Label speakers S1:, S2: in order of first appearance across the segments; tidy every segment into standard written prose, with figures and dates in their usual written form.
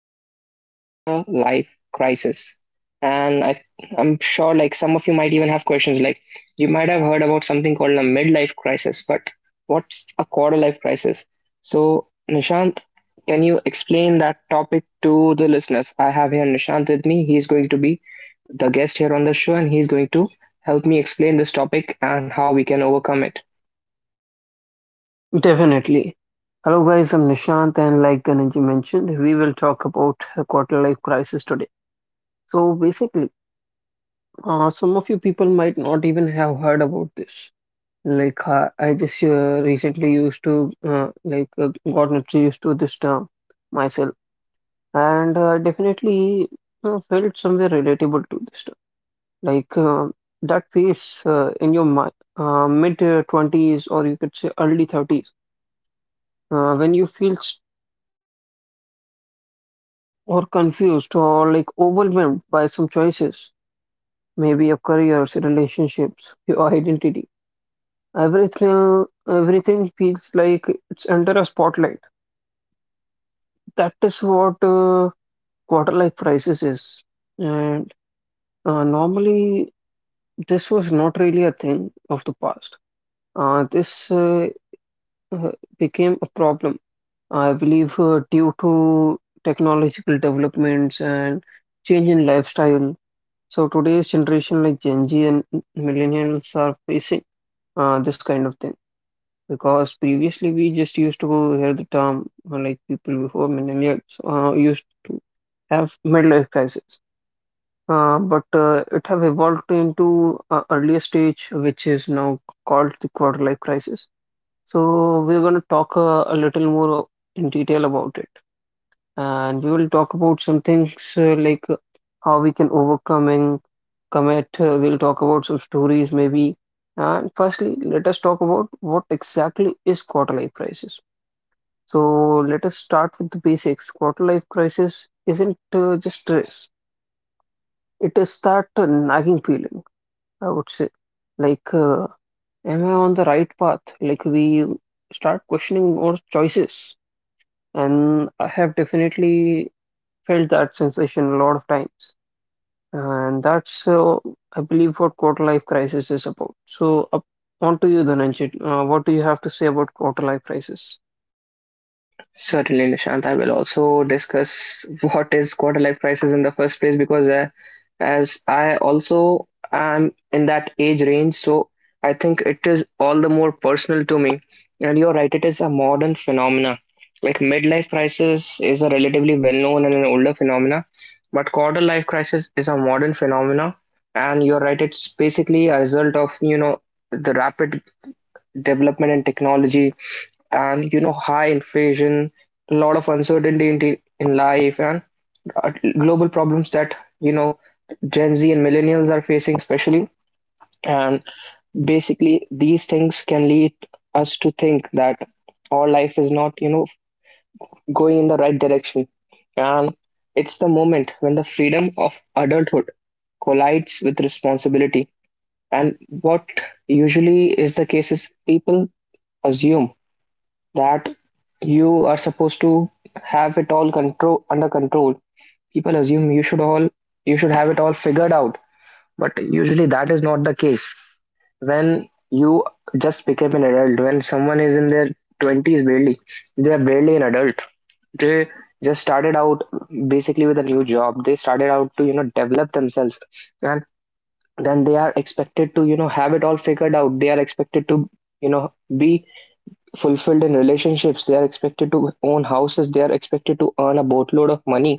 S1: The quarter life crisis. And I, I'm sure, like, some of you might even have questions like, you might have heard about something called a midlife crisis, but what's a quarter life crisis? So Nishant, can you explain that topic to the listeners? I have here Nishant with me. He's going to be the guest here on the show and he's going to help me explain this topic and how we can overcome it.
S2: Definitely. Hello, guys. I'm Nishant, and like Ganesh mentioned, we will talk about a quarter life crisis today. So, basically, some of you people might not even have heard about this. I just recently used to, like, got introduced to this term myself, and definitely felt somewhere relatable to this term. Like, uh, that phase in your mid 20s, or you could say early 30s, when you feel or confused or like overwhelmed by some choices, maybe your careers, your relationships, your identity. Everything feels like it's under a spotlight. That is what quarter life crisis is, and normally this was not really a thing of the past. This uh, became a problem, I believe, due to technological developments and change in lifestyle. So today's generation, like Gen Z and millennials, are facing this kind of thing, because previously we just used to hear the term like people before millennials used to have midlife crisis. But it have evolved into earlier stage, which is now called the quarter life crisis. So we're going to talk a little more in detail about it, and we will talk about some things like how we can overcome and commit. We'll talk about some stories maybe. And firstly, let us talk about what exactly is quarter life crisis. So let us start with the basics. Quarter life crisis isn't just stress. It is that nagging feeling, I would say. Like, uh, am I on the right path? Like we start questioning our choices. And I have definitely felt that sensation a lot of times. And that's I believe, what quarter life crisis is about. So, on to you, Dhananjay. What do you have to say about quarter life crisis?
S1: Certainly, Nishant. I will also discuss what is quarter life crisis in the first place because as I also am in that age range, so I think it is all the more personal to me. And you're right, it is a modern phenomena. Like midlife crisis is a relatively well-known and an older phenomena, but quarter life crisis is a modern phenomena. And you're right, it's basically a result of, you know, the rapid development in technology, and, you know, high inflation, a lot of uncertainty in life, and uh, global problems that, you know, gen z and millennials are facing especially. And basically these things can lead us to think that our life is not, you know, going in the right direction, and it's the moment when the freedom of adulthood collides with responsibility. And what usually is the case is people assume that you are supposed to have it all control under control. People assume you should have it all figured out, but usually that is not the case. When you just become an adult, when someone is in their 20s barely, they are barely an adult. They just started out basically with a new job. They started out to, you know, develop themselves, and then they are expected to, you know, have it all figured out. They are expected to, you know, be fulfilled in relationships, they are expected to own houses, they are expected to earn a boatload of money.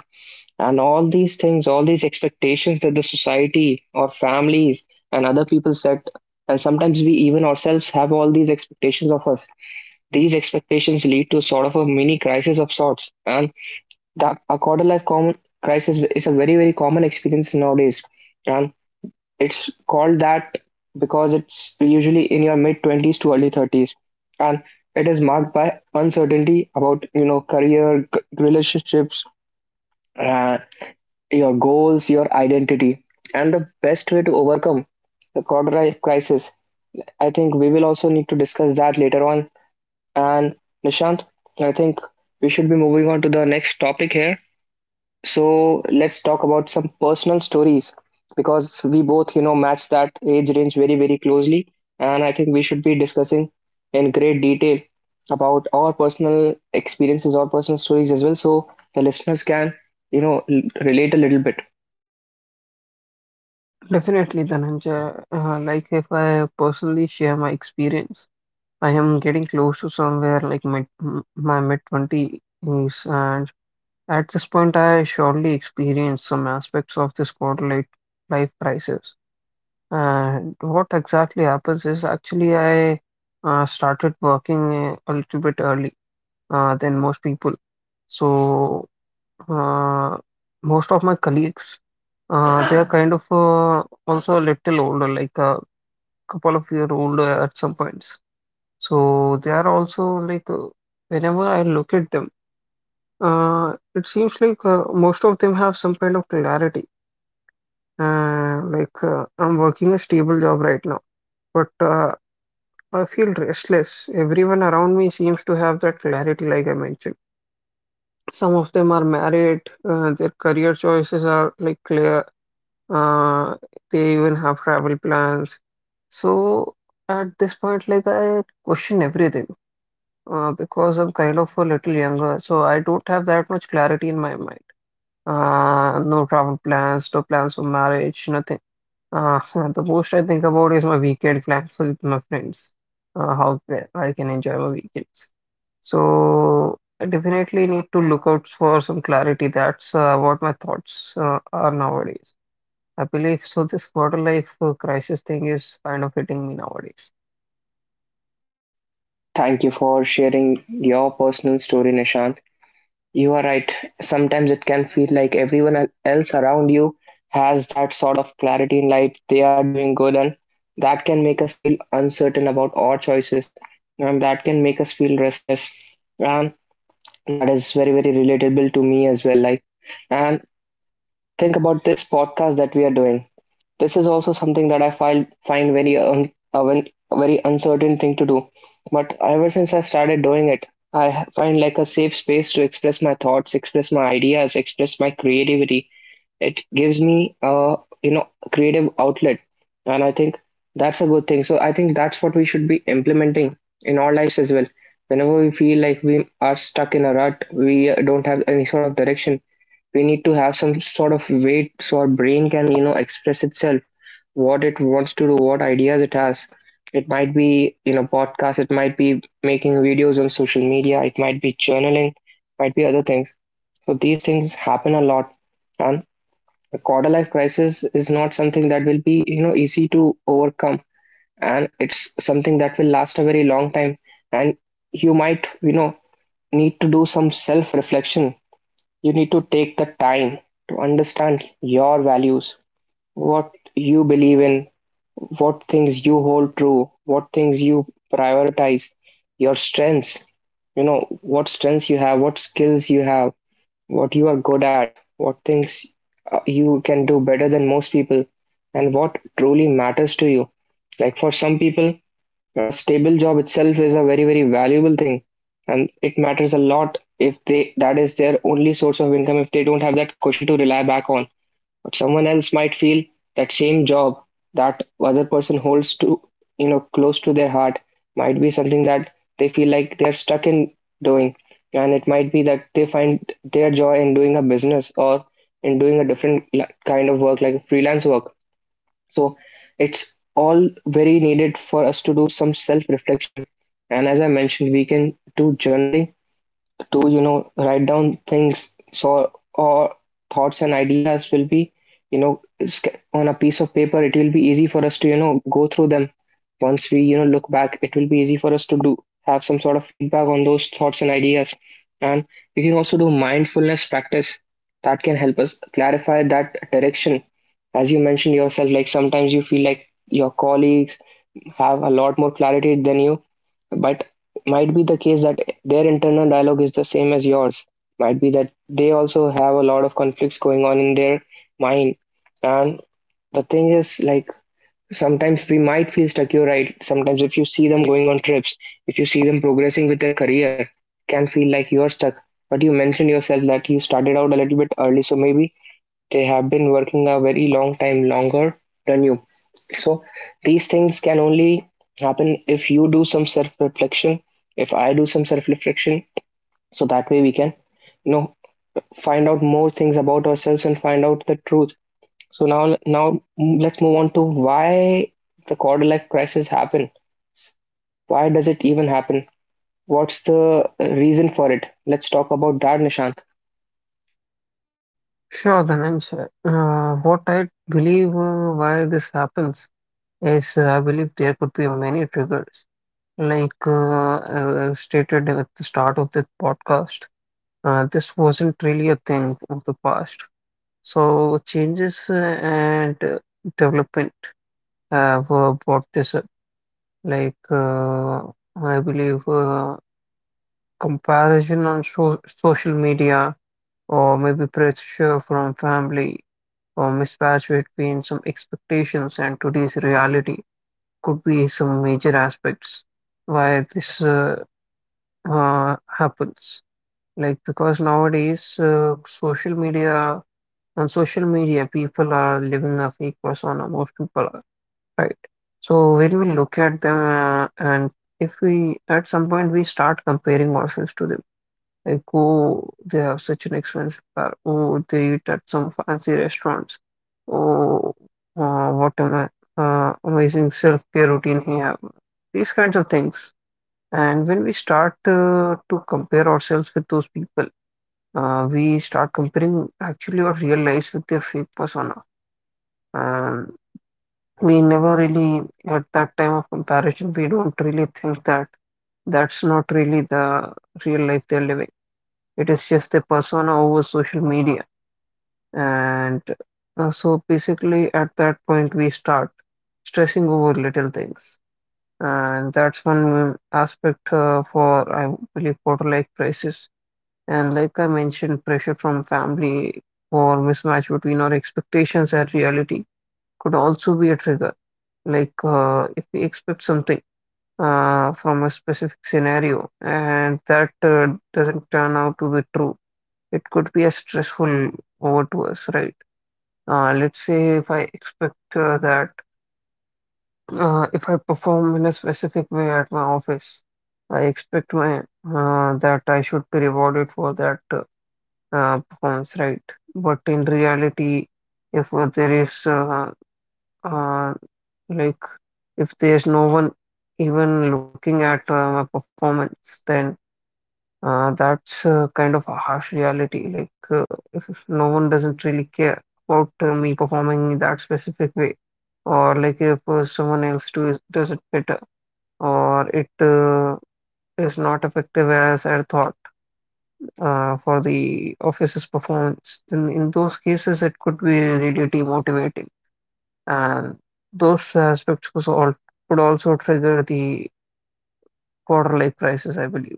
S1: And all these things, all these expectations that the society or families and other people set, and sometimes we even ourselves have all these expectations of us, these expectations lead to sort of a mini crisis of sorts. And the a quarter life common crisis is a very, very common experience nowadays, and it's called that because it's usually in your mid 20s to early 30s, and it is marked by uncertainty about, you know, career, relationships, uh, your goals, your identity, and the best way to overcome the quarter life crisis. I think we will also need to discuss that later on. And Nishant, I think we should be moving on to the next topic here. So let's talk about some personal stories because we both, you know, match that age range very, very closely. And I think we should be discussing in great detail about our personal experiences or personal stories as well. So the listeners can, you know, relate a little bit.
S2: Definitely, Dhananjay. Like if I personally share my experience, I am getting close to somewhere like my mid 20s, and at this point, I surely experienced some aspects of this quarter life crisis. And what exactly happens is actually I started working a little bit early, than most people. So uh, most of my colleagues, they are kind of also a little older, like a couple of year older at some points. So they are also like whenever I look at them, it seems like most of them have some kind of clarity. Like I'm working a stable job right now, but I feel restless. Everyone around me seems to have that clarity, like I mentioned. Some of them are married, their career choices are like clear, uh, they even have travel plans. So at this point, like I question everything because I'm kind of a little younger, so I don't have that much clarity in my mind. No travel plans, no plans for marriage, nothing. Uh, the most I think about is my weekend plans with my friends, I can enjoy my weekends. So I definitely need to look out for some clarity. That's what my thoughts are nowadays. I believe so. This quarter life crisis thing is kind of hitting me nowadays.
S1: Thank you for sharing your personal story, Nishan. You are right. Sometimes it can feel like everyone else around you has that sort of clarity in life. They are doing good, and that can make us feel uncertain about our choices, and that can make us feel restless. And that is very, very relatable to me as well. Like, and think about this podcast that we are doing. This is also something that I find very a very uncertain thing to do. But ever since I started doing it, I find like a safe space to express my thoughts, express my ideas, express my creativity. It gives me a, you know, creative outlet, and I think that's a good thing. So I think that's what we should be implementing in our lives as well. Whenever we feel like we are stuck in a rut, we don't have any sort of direction. We need to have some sort of way so our brain can, you know, express itself, what it wants to do, what ideas it has. It might be, you know, podcast, it might be making videos on social media, it might be journaling, might be other things. So these things happen a lot. And the quarter life crisis is not something that will be, you know, easy to overcome. And it's something that will last a very long time. And you might, you know, need to do some self reflection. You need to take the time to understand your values, what you believe in, what things you hold true, what things you prioritize, your strengths, you know, what strengths you have, what skills you have, what you are good at, what things you can do better than most people, and what truly matters to you. Like for some people, a stable job itself is a very, very valuable thing, and it matters a lot if they that is their only source of income, if they don't have that cushion to rely back on. But someone else might feel that same job that other person holds to, you know, close to their heart, might be something that they feel like they're stuck in doing, and it might be that they find their joy in doing a business or in doing a different kind of work like freelance work. So it's all very needed for us to do some self reflection, and as I mentioned, we can do journaling to, you know, write down things, so or thoughts and ideas will be, you know, on a piece of paper. It will be easy for us to, you know, go through them. Once we, you know, look back, it will be easy for us to do, have some sort of feedback on those thoughts and ideas. And we can also do mindfulness practice that can help us clarify that direction. As you mentioned yourself, like sometimes you feel like your colleagues have a lot more clarity than you, but might be the case that their internal dialogue is the same as yours, might be that they also have a lot of conflicts going on in their mind. And the thing is, like, sometimes we might feel stuck. You're right, sometimes if you see them going on trips, if you see them progressing with their career, can feel like you're stuck. But you mentioned yourself that you started out a little bit early, so maybe they have been working a very long time longer than you. So these things can only happen if you do some self reflection, if I do some self reflection. So that way we can, you know, find out more things about ourselves and find out the truth. So now, let's move on to why the quarter life crisis happen. Why does it even happen? What's the reason for it? Let's talk about that, Nishant.
S2: Sure, Dhananjay. What I believe why this happens is I believe there could be many triggers. Like I stated at the start of this podcast, this wasn't really a thing of the past. So changes and development have brought this up. Like I believe comparison on social media, or maybe pressure from family, or mismatch between some expectations and today's reality could be some major aspects why this happens. Like because nowadays social media on social media people are living a fake persona, most people are, right? So when we look at them and if we at some point we start comparing ourselves to them, like oh they have such an expensive car, oh they eat at some fancy restaurants, oh, what an amazing self-care routine he have, these kinds of things. And when we start to compare ourselves with those people, we start comparing actually our real lives with their fake persona. um, we never really, at that time of comparison, we don't really think that that's not really the real life they're living. It is just a persona over social media. And so basically, at that point, we start stressing over little things. And that's one aspect for, I believe, quarter-life crisis. And like I mentioned, pressure from family or mismatch between our expectations and reality could also be a trigger. If we expect something from a specific scenario and that doesn't turn out to be true, it could be a stressful over to us, right? Let's say if I expect that if I perform in a specific way at my office, I expect my that I should be rewarded for that performance, right? But in reality, if there is uh, Like, if there's no one even looking at my performance, then that's kind of a harsh reality. If no one doesn't really care about me performing in that specific way, or like if someone else does it better, or it is not effective as I thought for the office's performance, then in those cases, it could be really demotivating. And those aspects was all could also trigger the quarter-life crisis, I believe.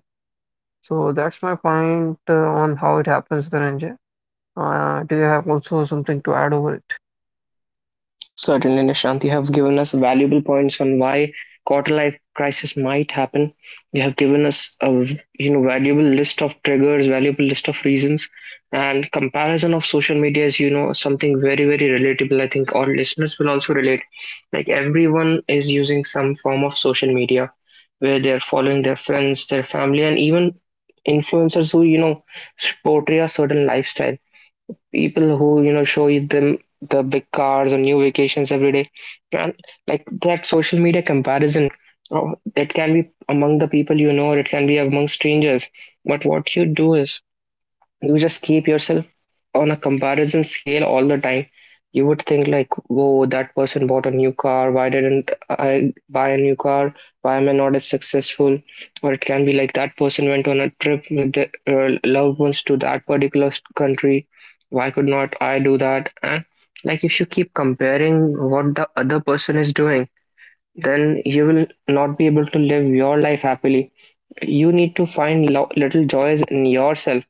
S2: So that's my point on how it happens, Dhananjay. Do you have also something to add over it?
S1: Certainly, Nishant, you have given us valuable points on why quarter-life crisis might happen. You have given us a, you know, valuable list of triggers, valuable list of reasons, and comparison of social media is, you know, something very, very relatable. I think all listeners will also relate. Like everyone is using some form of social media, where they're following their friends, their family, and even influencers who, you know, portray a certain lifestyle, people who, you know, show you them the big cars or new vacations every day. And like that social media comparison, oh, it can be among the people you know or it can be among strangers, but what you do is you just keep yourself on a comparison scale all the time. You would think like, whoa, that person bought a new car, why didn't I buy a new car? Why am I not as successful? Or it can be like that person went on a trip with their loved ones to that particular country, why could not I do that? And like if you keep comparing what the other person is doing, then you will not be able to live your life happily. You need to find little joys in yourself.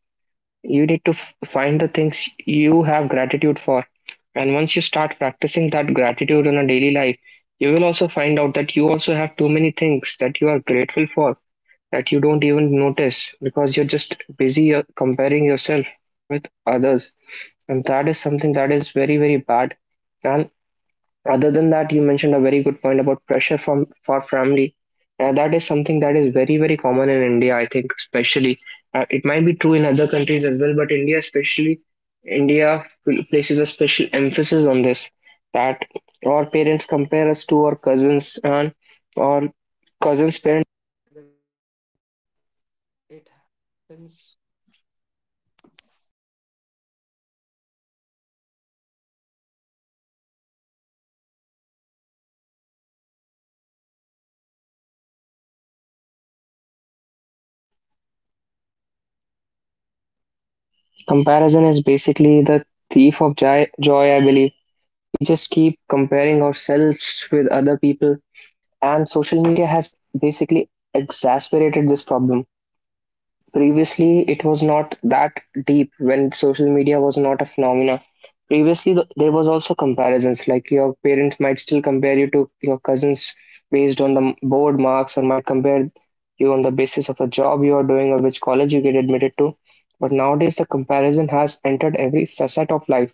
S1: You need to find the things you have gratitude for, and once you start practicing that gratitude in a daily life, you will also find out that you also have too many things that you are grateful for, that you don't even notice because you're just busy comparing yourself with others. And that is something that is very, very bad. And other than that, you mentioned a very good point about pressure from for family. That is something that is very, very common in India. I think especially it might be true in other countries as well, but India especially, India places a special emphasis on this. That our parents compare us to our cousins and our cousins. Comparison is basically the thief of joy, I believe. We just keep comparing ourselves with other people, and social media has basically exacerbated this problem. Previously, it was not that deep when social media was not a phenomena. Previously, there was also comparisons. Like your parents might still compare you to your cousins based on the board marks, or might compare you on the basis of the job you are doing or which college you get admitted to. But nowadays, the comparison has entered every facet of life.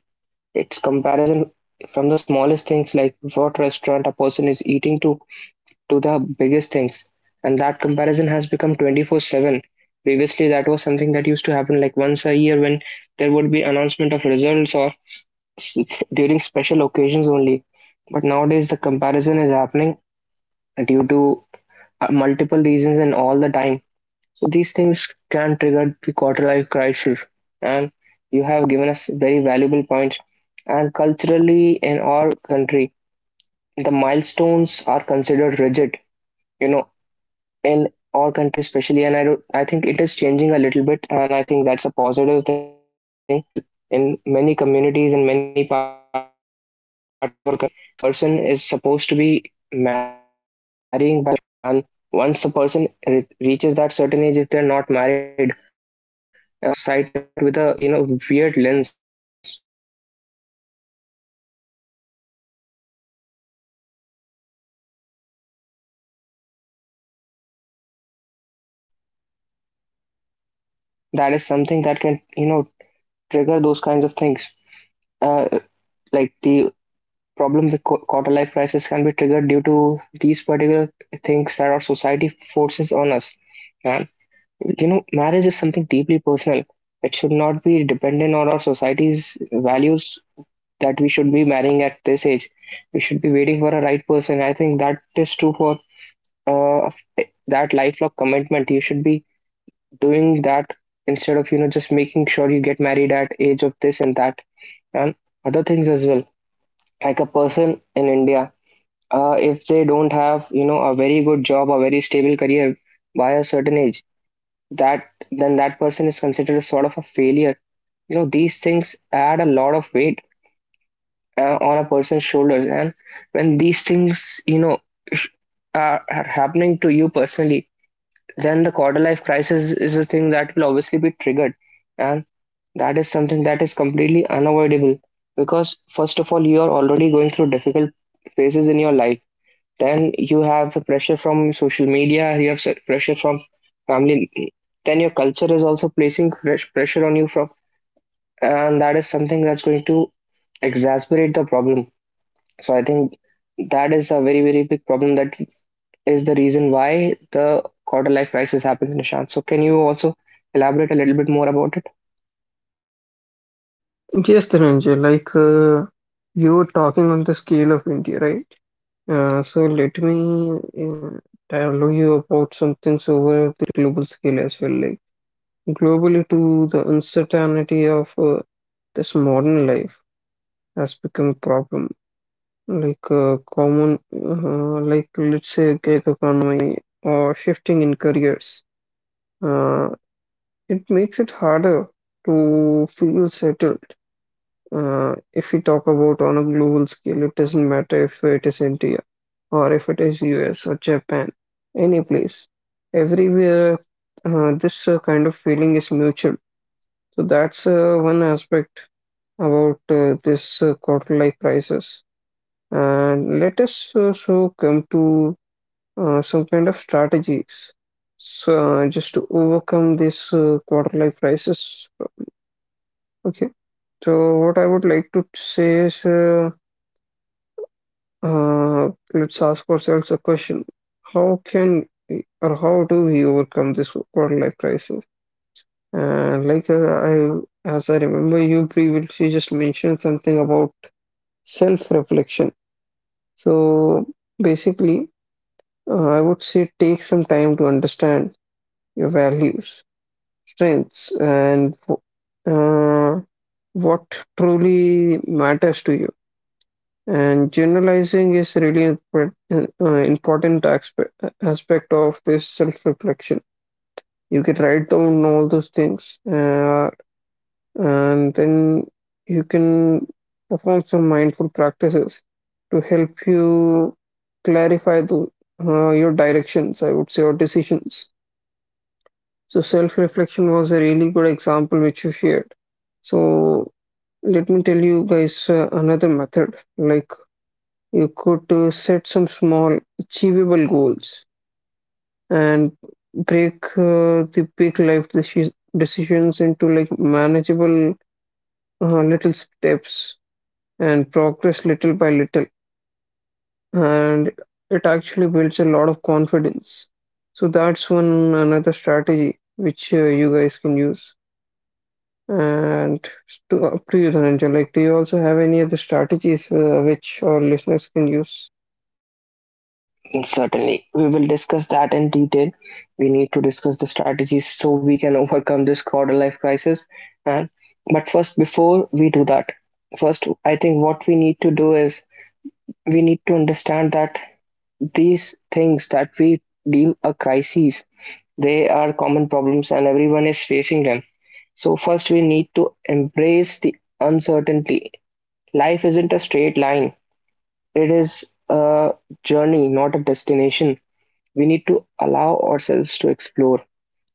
S1: It's comparison from the smallest things like what restaurant a person is eating to the biggest things, and that comparison has become 24/7. Previously that was something that used to happen like once a year, when there would be announcement of results or during special occasions only, but nowadays the comparison is happening due to multiple reasons and all the time. So these things can trigger the quarter life crisis, and you have given us very valuable points. And culturally in our country, the milestones are considered rigid, you know, in our country especially, and I don't I think it is changing a little bit and I think that's a positive thing. But still, in many communities, in many parts of our country, it's considered a person is supposed to be marrying by a certain age, and once a person reaches that certain age, if they're not married, society looks them at with a, you know, weird lens, sort of like why are they not married, what's the problem, why are they still single. And that is something, that is something that can, you know, trigger those kinds of things. Uh, like the problem with quarter life crisis can be triggered due to these particular things that our society forces on us. And, you know, marriage is something deeply personal. It should not be on our society's values that we should be marrying at this age. We should be waiting for a right person. I think that is true for uh, that lifelong commitment. You should be doing that instead of, you know, just making sure you get married at age of this and that. And other things as well, like a person in India, if they don't have, you know, a very good job, a very stable career by a certain age, that then that person is considered a sort of a failure. You know, these things add a lot of weight on a person's shoulders. And when these things, you know, sh- are happening to you personally, then the quarter life crisis is a thing that will obviously be triggered and. That is something that is completely unavoidable because, first of all, you are already going through difficult phases in your life. Then you have the pressure from social media, you have pressure from family. Then your culture is also placing fresh pressure on you from, and that is something that's going to exacerbate the problem. So I think that is a very, very big problem that is the reason why the quarter life crisis happens, Nishant. So can you also elaborate a little bit more about it?
S2: Yes, Dhananjay, like you were talking on the scale of India, right? So let me uh, tell you about some things over the global scale as well, like globally to the uncertainty of this modern life has become a problem. Like common, like let's say gig economy or shifting in careers, uh, it makes it harder to feel settled. If we talk about on a global scale, it doesn't matter if it is India or if it is US or Japan, any place, everywhere, this kind of feeling is mutual. So that's one aspect about this quarter-life crisis. And let us also come to some kind of strategies. So just to overcome this quarter-life crisis. Okay. So what I would like to say is. Let's ask ourselves a question. How do we overcome this world-life crisis? And like I, as I remember, you previously just mentioned something about self-reflection. So basically, I would say take some time to understand your values, strengths, and uh, what truly matters to you. And generalizing is really an important aspect of this self-reflection. You can write down all those things, and then you can perform some mindful practices to help you clarify your directions, I would say, or decisions. So self-reflection was a really good example which you shared. So let me tell you guys another method. Like, you could set some small, achievable goals and break the big life decisions into like manageable little steps and progress little by little. And it actually builds a lot of confidence. So that's one another strategy which you guys can use. And to, up to you, Dhananjay, like, do you also have any other strategies which our listeners can use?
S1: Certainly, we will discuss that in detail. We need to discuss the strategies so we can overcome this quarter life crisis. And but first, before we do that, first I think what we need to do is we need to understand that these things that we deem a crisis, they are common problems and everyone is facing them. So first, we need to embrace the uncertainty. Life isn't a straight line; it is a journey, not a destination. We need to allow ourselves to explore.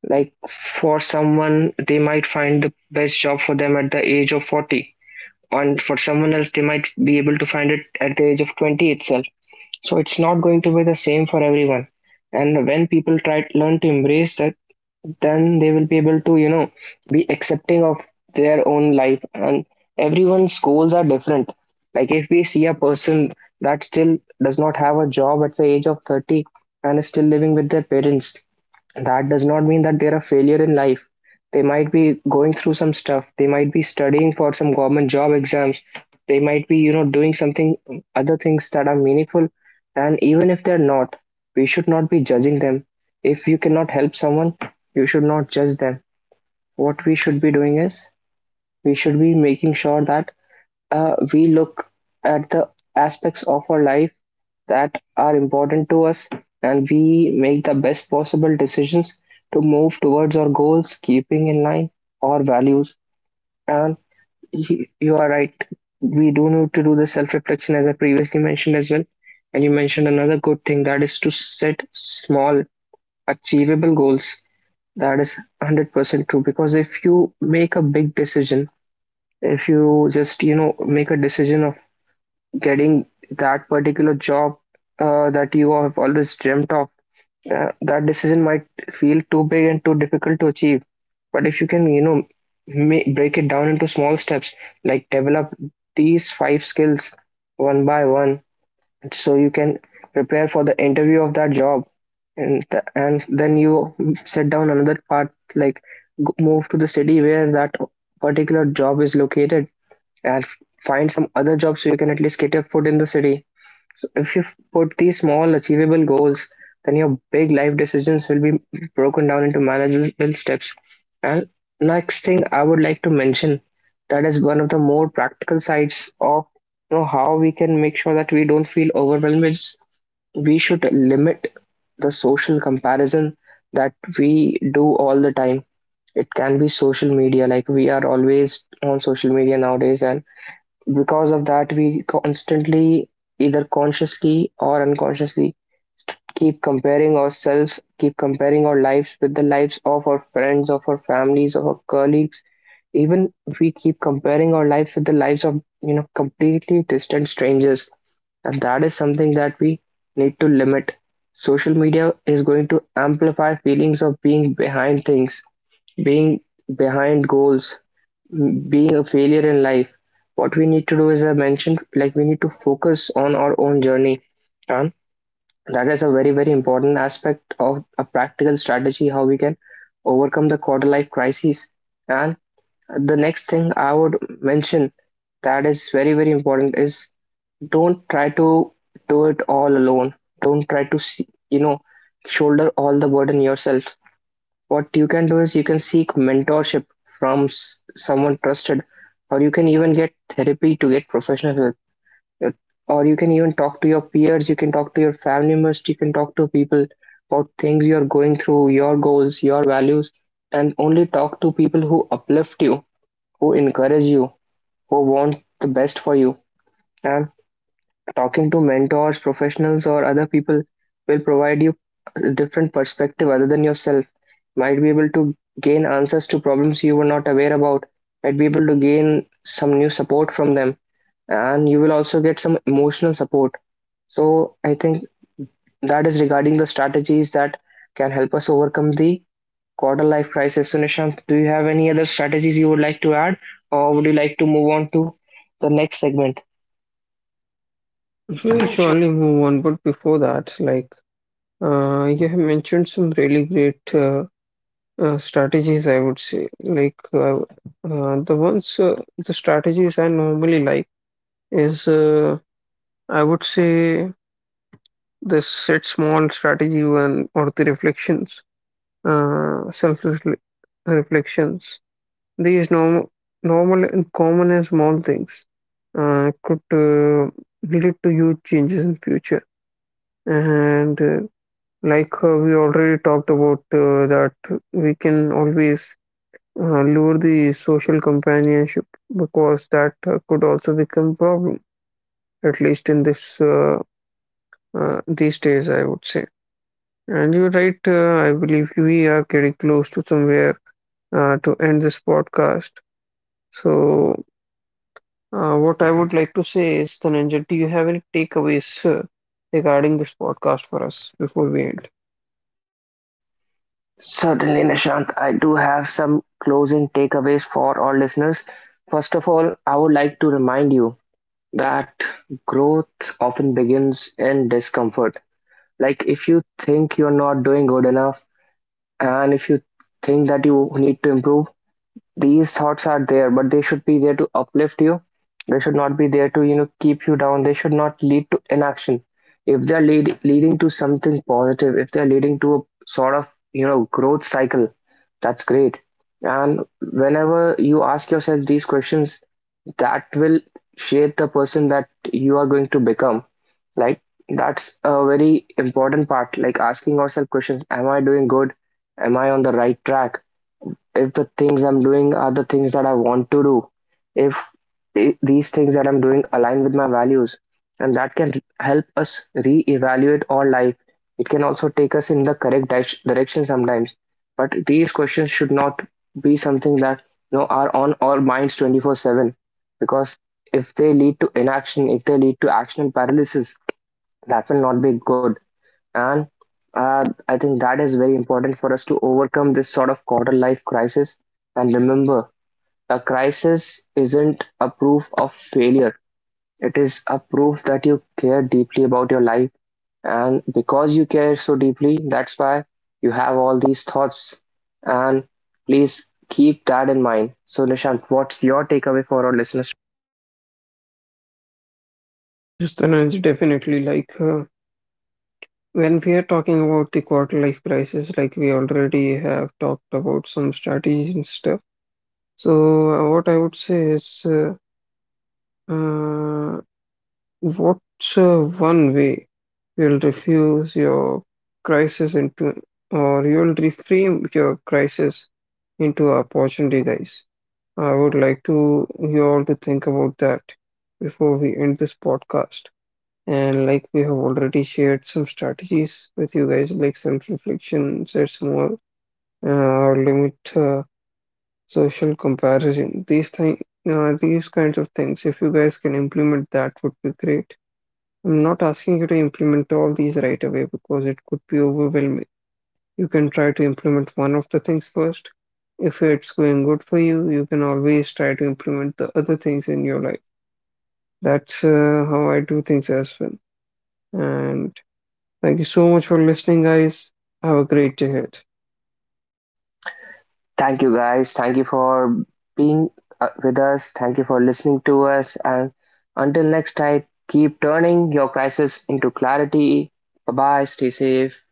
S1: Like for someone, they might find the best job for them at the age of 40, and for someone else, they might be able to find it at the age of 20 itself. So it's not going to be the same for everyone. And when people try learn to embrace that, then they will be able to, you know, be accepting of their own life. And everyone's goals are different. Like if we see a person that still does not have a job at the age of 30 and is still living with their parents, that does not mean that they're a failure in life. They might be going through some stuff. They might be studying for some government job exams. They might be, you know, doing something, other things that are meaningful. And even if they're not, we should not be judging them. If you cannot help someone, you should not judge them. What we should be doing is we should be making sure that we look at the aspects of our life that are important to us, and we make the best possible decisions to move towards our goals, keeping in line our values. And you are right, we do need to do the self reflection as I previously mentioned as well. And you mentioned another good thing, that is to set small, achievable goals. That is 100% true, because if you make a big decision, if you just, you know, make a decision of getting that particular job that you have always dreamt of, that decision might feel too big and too difficult to achieve. But if you can, you know, break it down into small steps, like develop these five skills one by one, so you can prepare for the interview of that job, and and then you set down another part, like move to the city where that particular job is located, and find some other job so you can at least get your foot in the city. So if you put these small achievable goals, then your big life decisions will be broken down into manageable steps. And next thing I would like to mention, that is one of the more practical sides of, you know, how we can make sure that we don't feel overwhelmed, is we should limit the social comparison that we do all the time. It can be social media, like we are always on social media nowadays, and because of that we constantly, either consciously or unconsciously, keep comparing ourselves, keep comparing our lives with the lives of our friends, of our families, of our colleagues. Even we keep comparing our lives with the lives of, you know, completely distant strangers, and that is something that we need to limit. Social media is going to amplify feelings of being behind things, being behind goals, being a failure in life. What we need to do is, I mentioned, like we need to focus on our own journey. And that is a very, very important aspect of a practical strategy how we can overcome the quarter life crisis. And the next thing I would mention, that is very, very important, is don't try to do it all alone. Don't try to see, you know, shoulder all the burden yourself. What you can do is you can seek mentorship from someone trusted, or you can even get therapy to get professional help. Uh, Or you can even talk to your peers, you can talk to your family members, you can talk to people about things you are going through, your goals, your values, and only talk to people who uplift you, who encourage you, who want the best for you. And talking to mentors, professionals, or other people will provide you a different perspective other than yourself, might be able to gain answers to problems you were not aware about, might be able to gain some new support from them, and you will also get some emotional support. So I think that is regarding the strategies that can help us overcome the quarter life crisis. So Nishant, do you have any other strategies you would like to add, or would you like to move on to the next segment?
S2: We'll surely move on, but before that, you have mentioned some really great strategies, I would say. Like, the strategies I normally like is, I would say, the set small strategy one or the reflections, self-reflections. These normal and common and small things could lead to huge changes in future. And like we already talked about that we can always lure the social companionship because that could also become problem, at least in this these days, I would say. And you're right. I believe we are getting close to somewhere to end this podcast. So what I would like to say is, Dhananjay, do you have any takeaways regarding this podcast for us before we end?
S1: Certainly, Nishant. I do have some closing takeaways for our listeners. First of all, I would like to remind you that growth often begins in discomfort. Like if you think you're not doing good enough and if you think that you need to improve, these thoughts are there, but they should be there to uplift you. They should not be there to, you know, keep you down. They should not lead to inaction. If they're lead, leading to something positive, if they're leading to a sort of, you know, growth cycle, that's great. And whenever you ask yourself these questions, that will shape the person that you are going to become. Like that's a very important part, like asking ourselves questions, am I doing good, am I on the right track, if the things I'm doing are the things that I want to do, if these things that I'm doing align with my values, and that can help us re-evaluate our life. It can also take us in the correct direction sometimes. But these questions should not be something that, you know, are on our minds 24/7, because if they lead to inaction, if they lead to action paralysis, that will not be good. And I think that is very important for us to overcome this sort of quarter life crisis. And remember, a crisis isn't a proof of failure, it is a proof that you care deeply about your life. And because you care so deeply, that's why you have all these thoughts. And please keep that in mind. So, Nishant, what's your takeaway for our listeners?
S2: Yes, Dhananjay, definitely. Like when we are talking about the quarter life crisis, like we already have talked about some strategies and stuff. So what I would say is. Uh, what's one way you'll refuse your crisis into, you'll reframe your crisis into opportunity, guys? I would like to you all to think about that before we end this podcast. And like we have already shared some strategies with you guys, like self-reflection sets more or limit social comparison, these thing, these kinds of things, if you guys can implement that would be great. I'm not asking you to implement all these right away because it could be overwhelming. You can try to implement one of the things first. If it's going good for you, you can always try to implement the other things in your life. That's how I do things as well. And thank you so much for listening, guys. Have a great day ahead.
S1: Thank you guys. Thank you for being with us. Thank you for listening to us. And until next time, keep turning your crisis into clarity. Bye bye. Stay safe.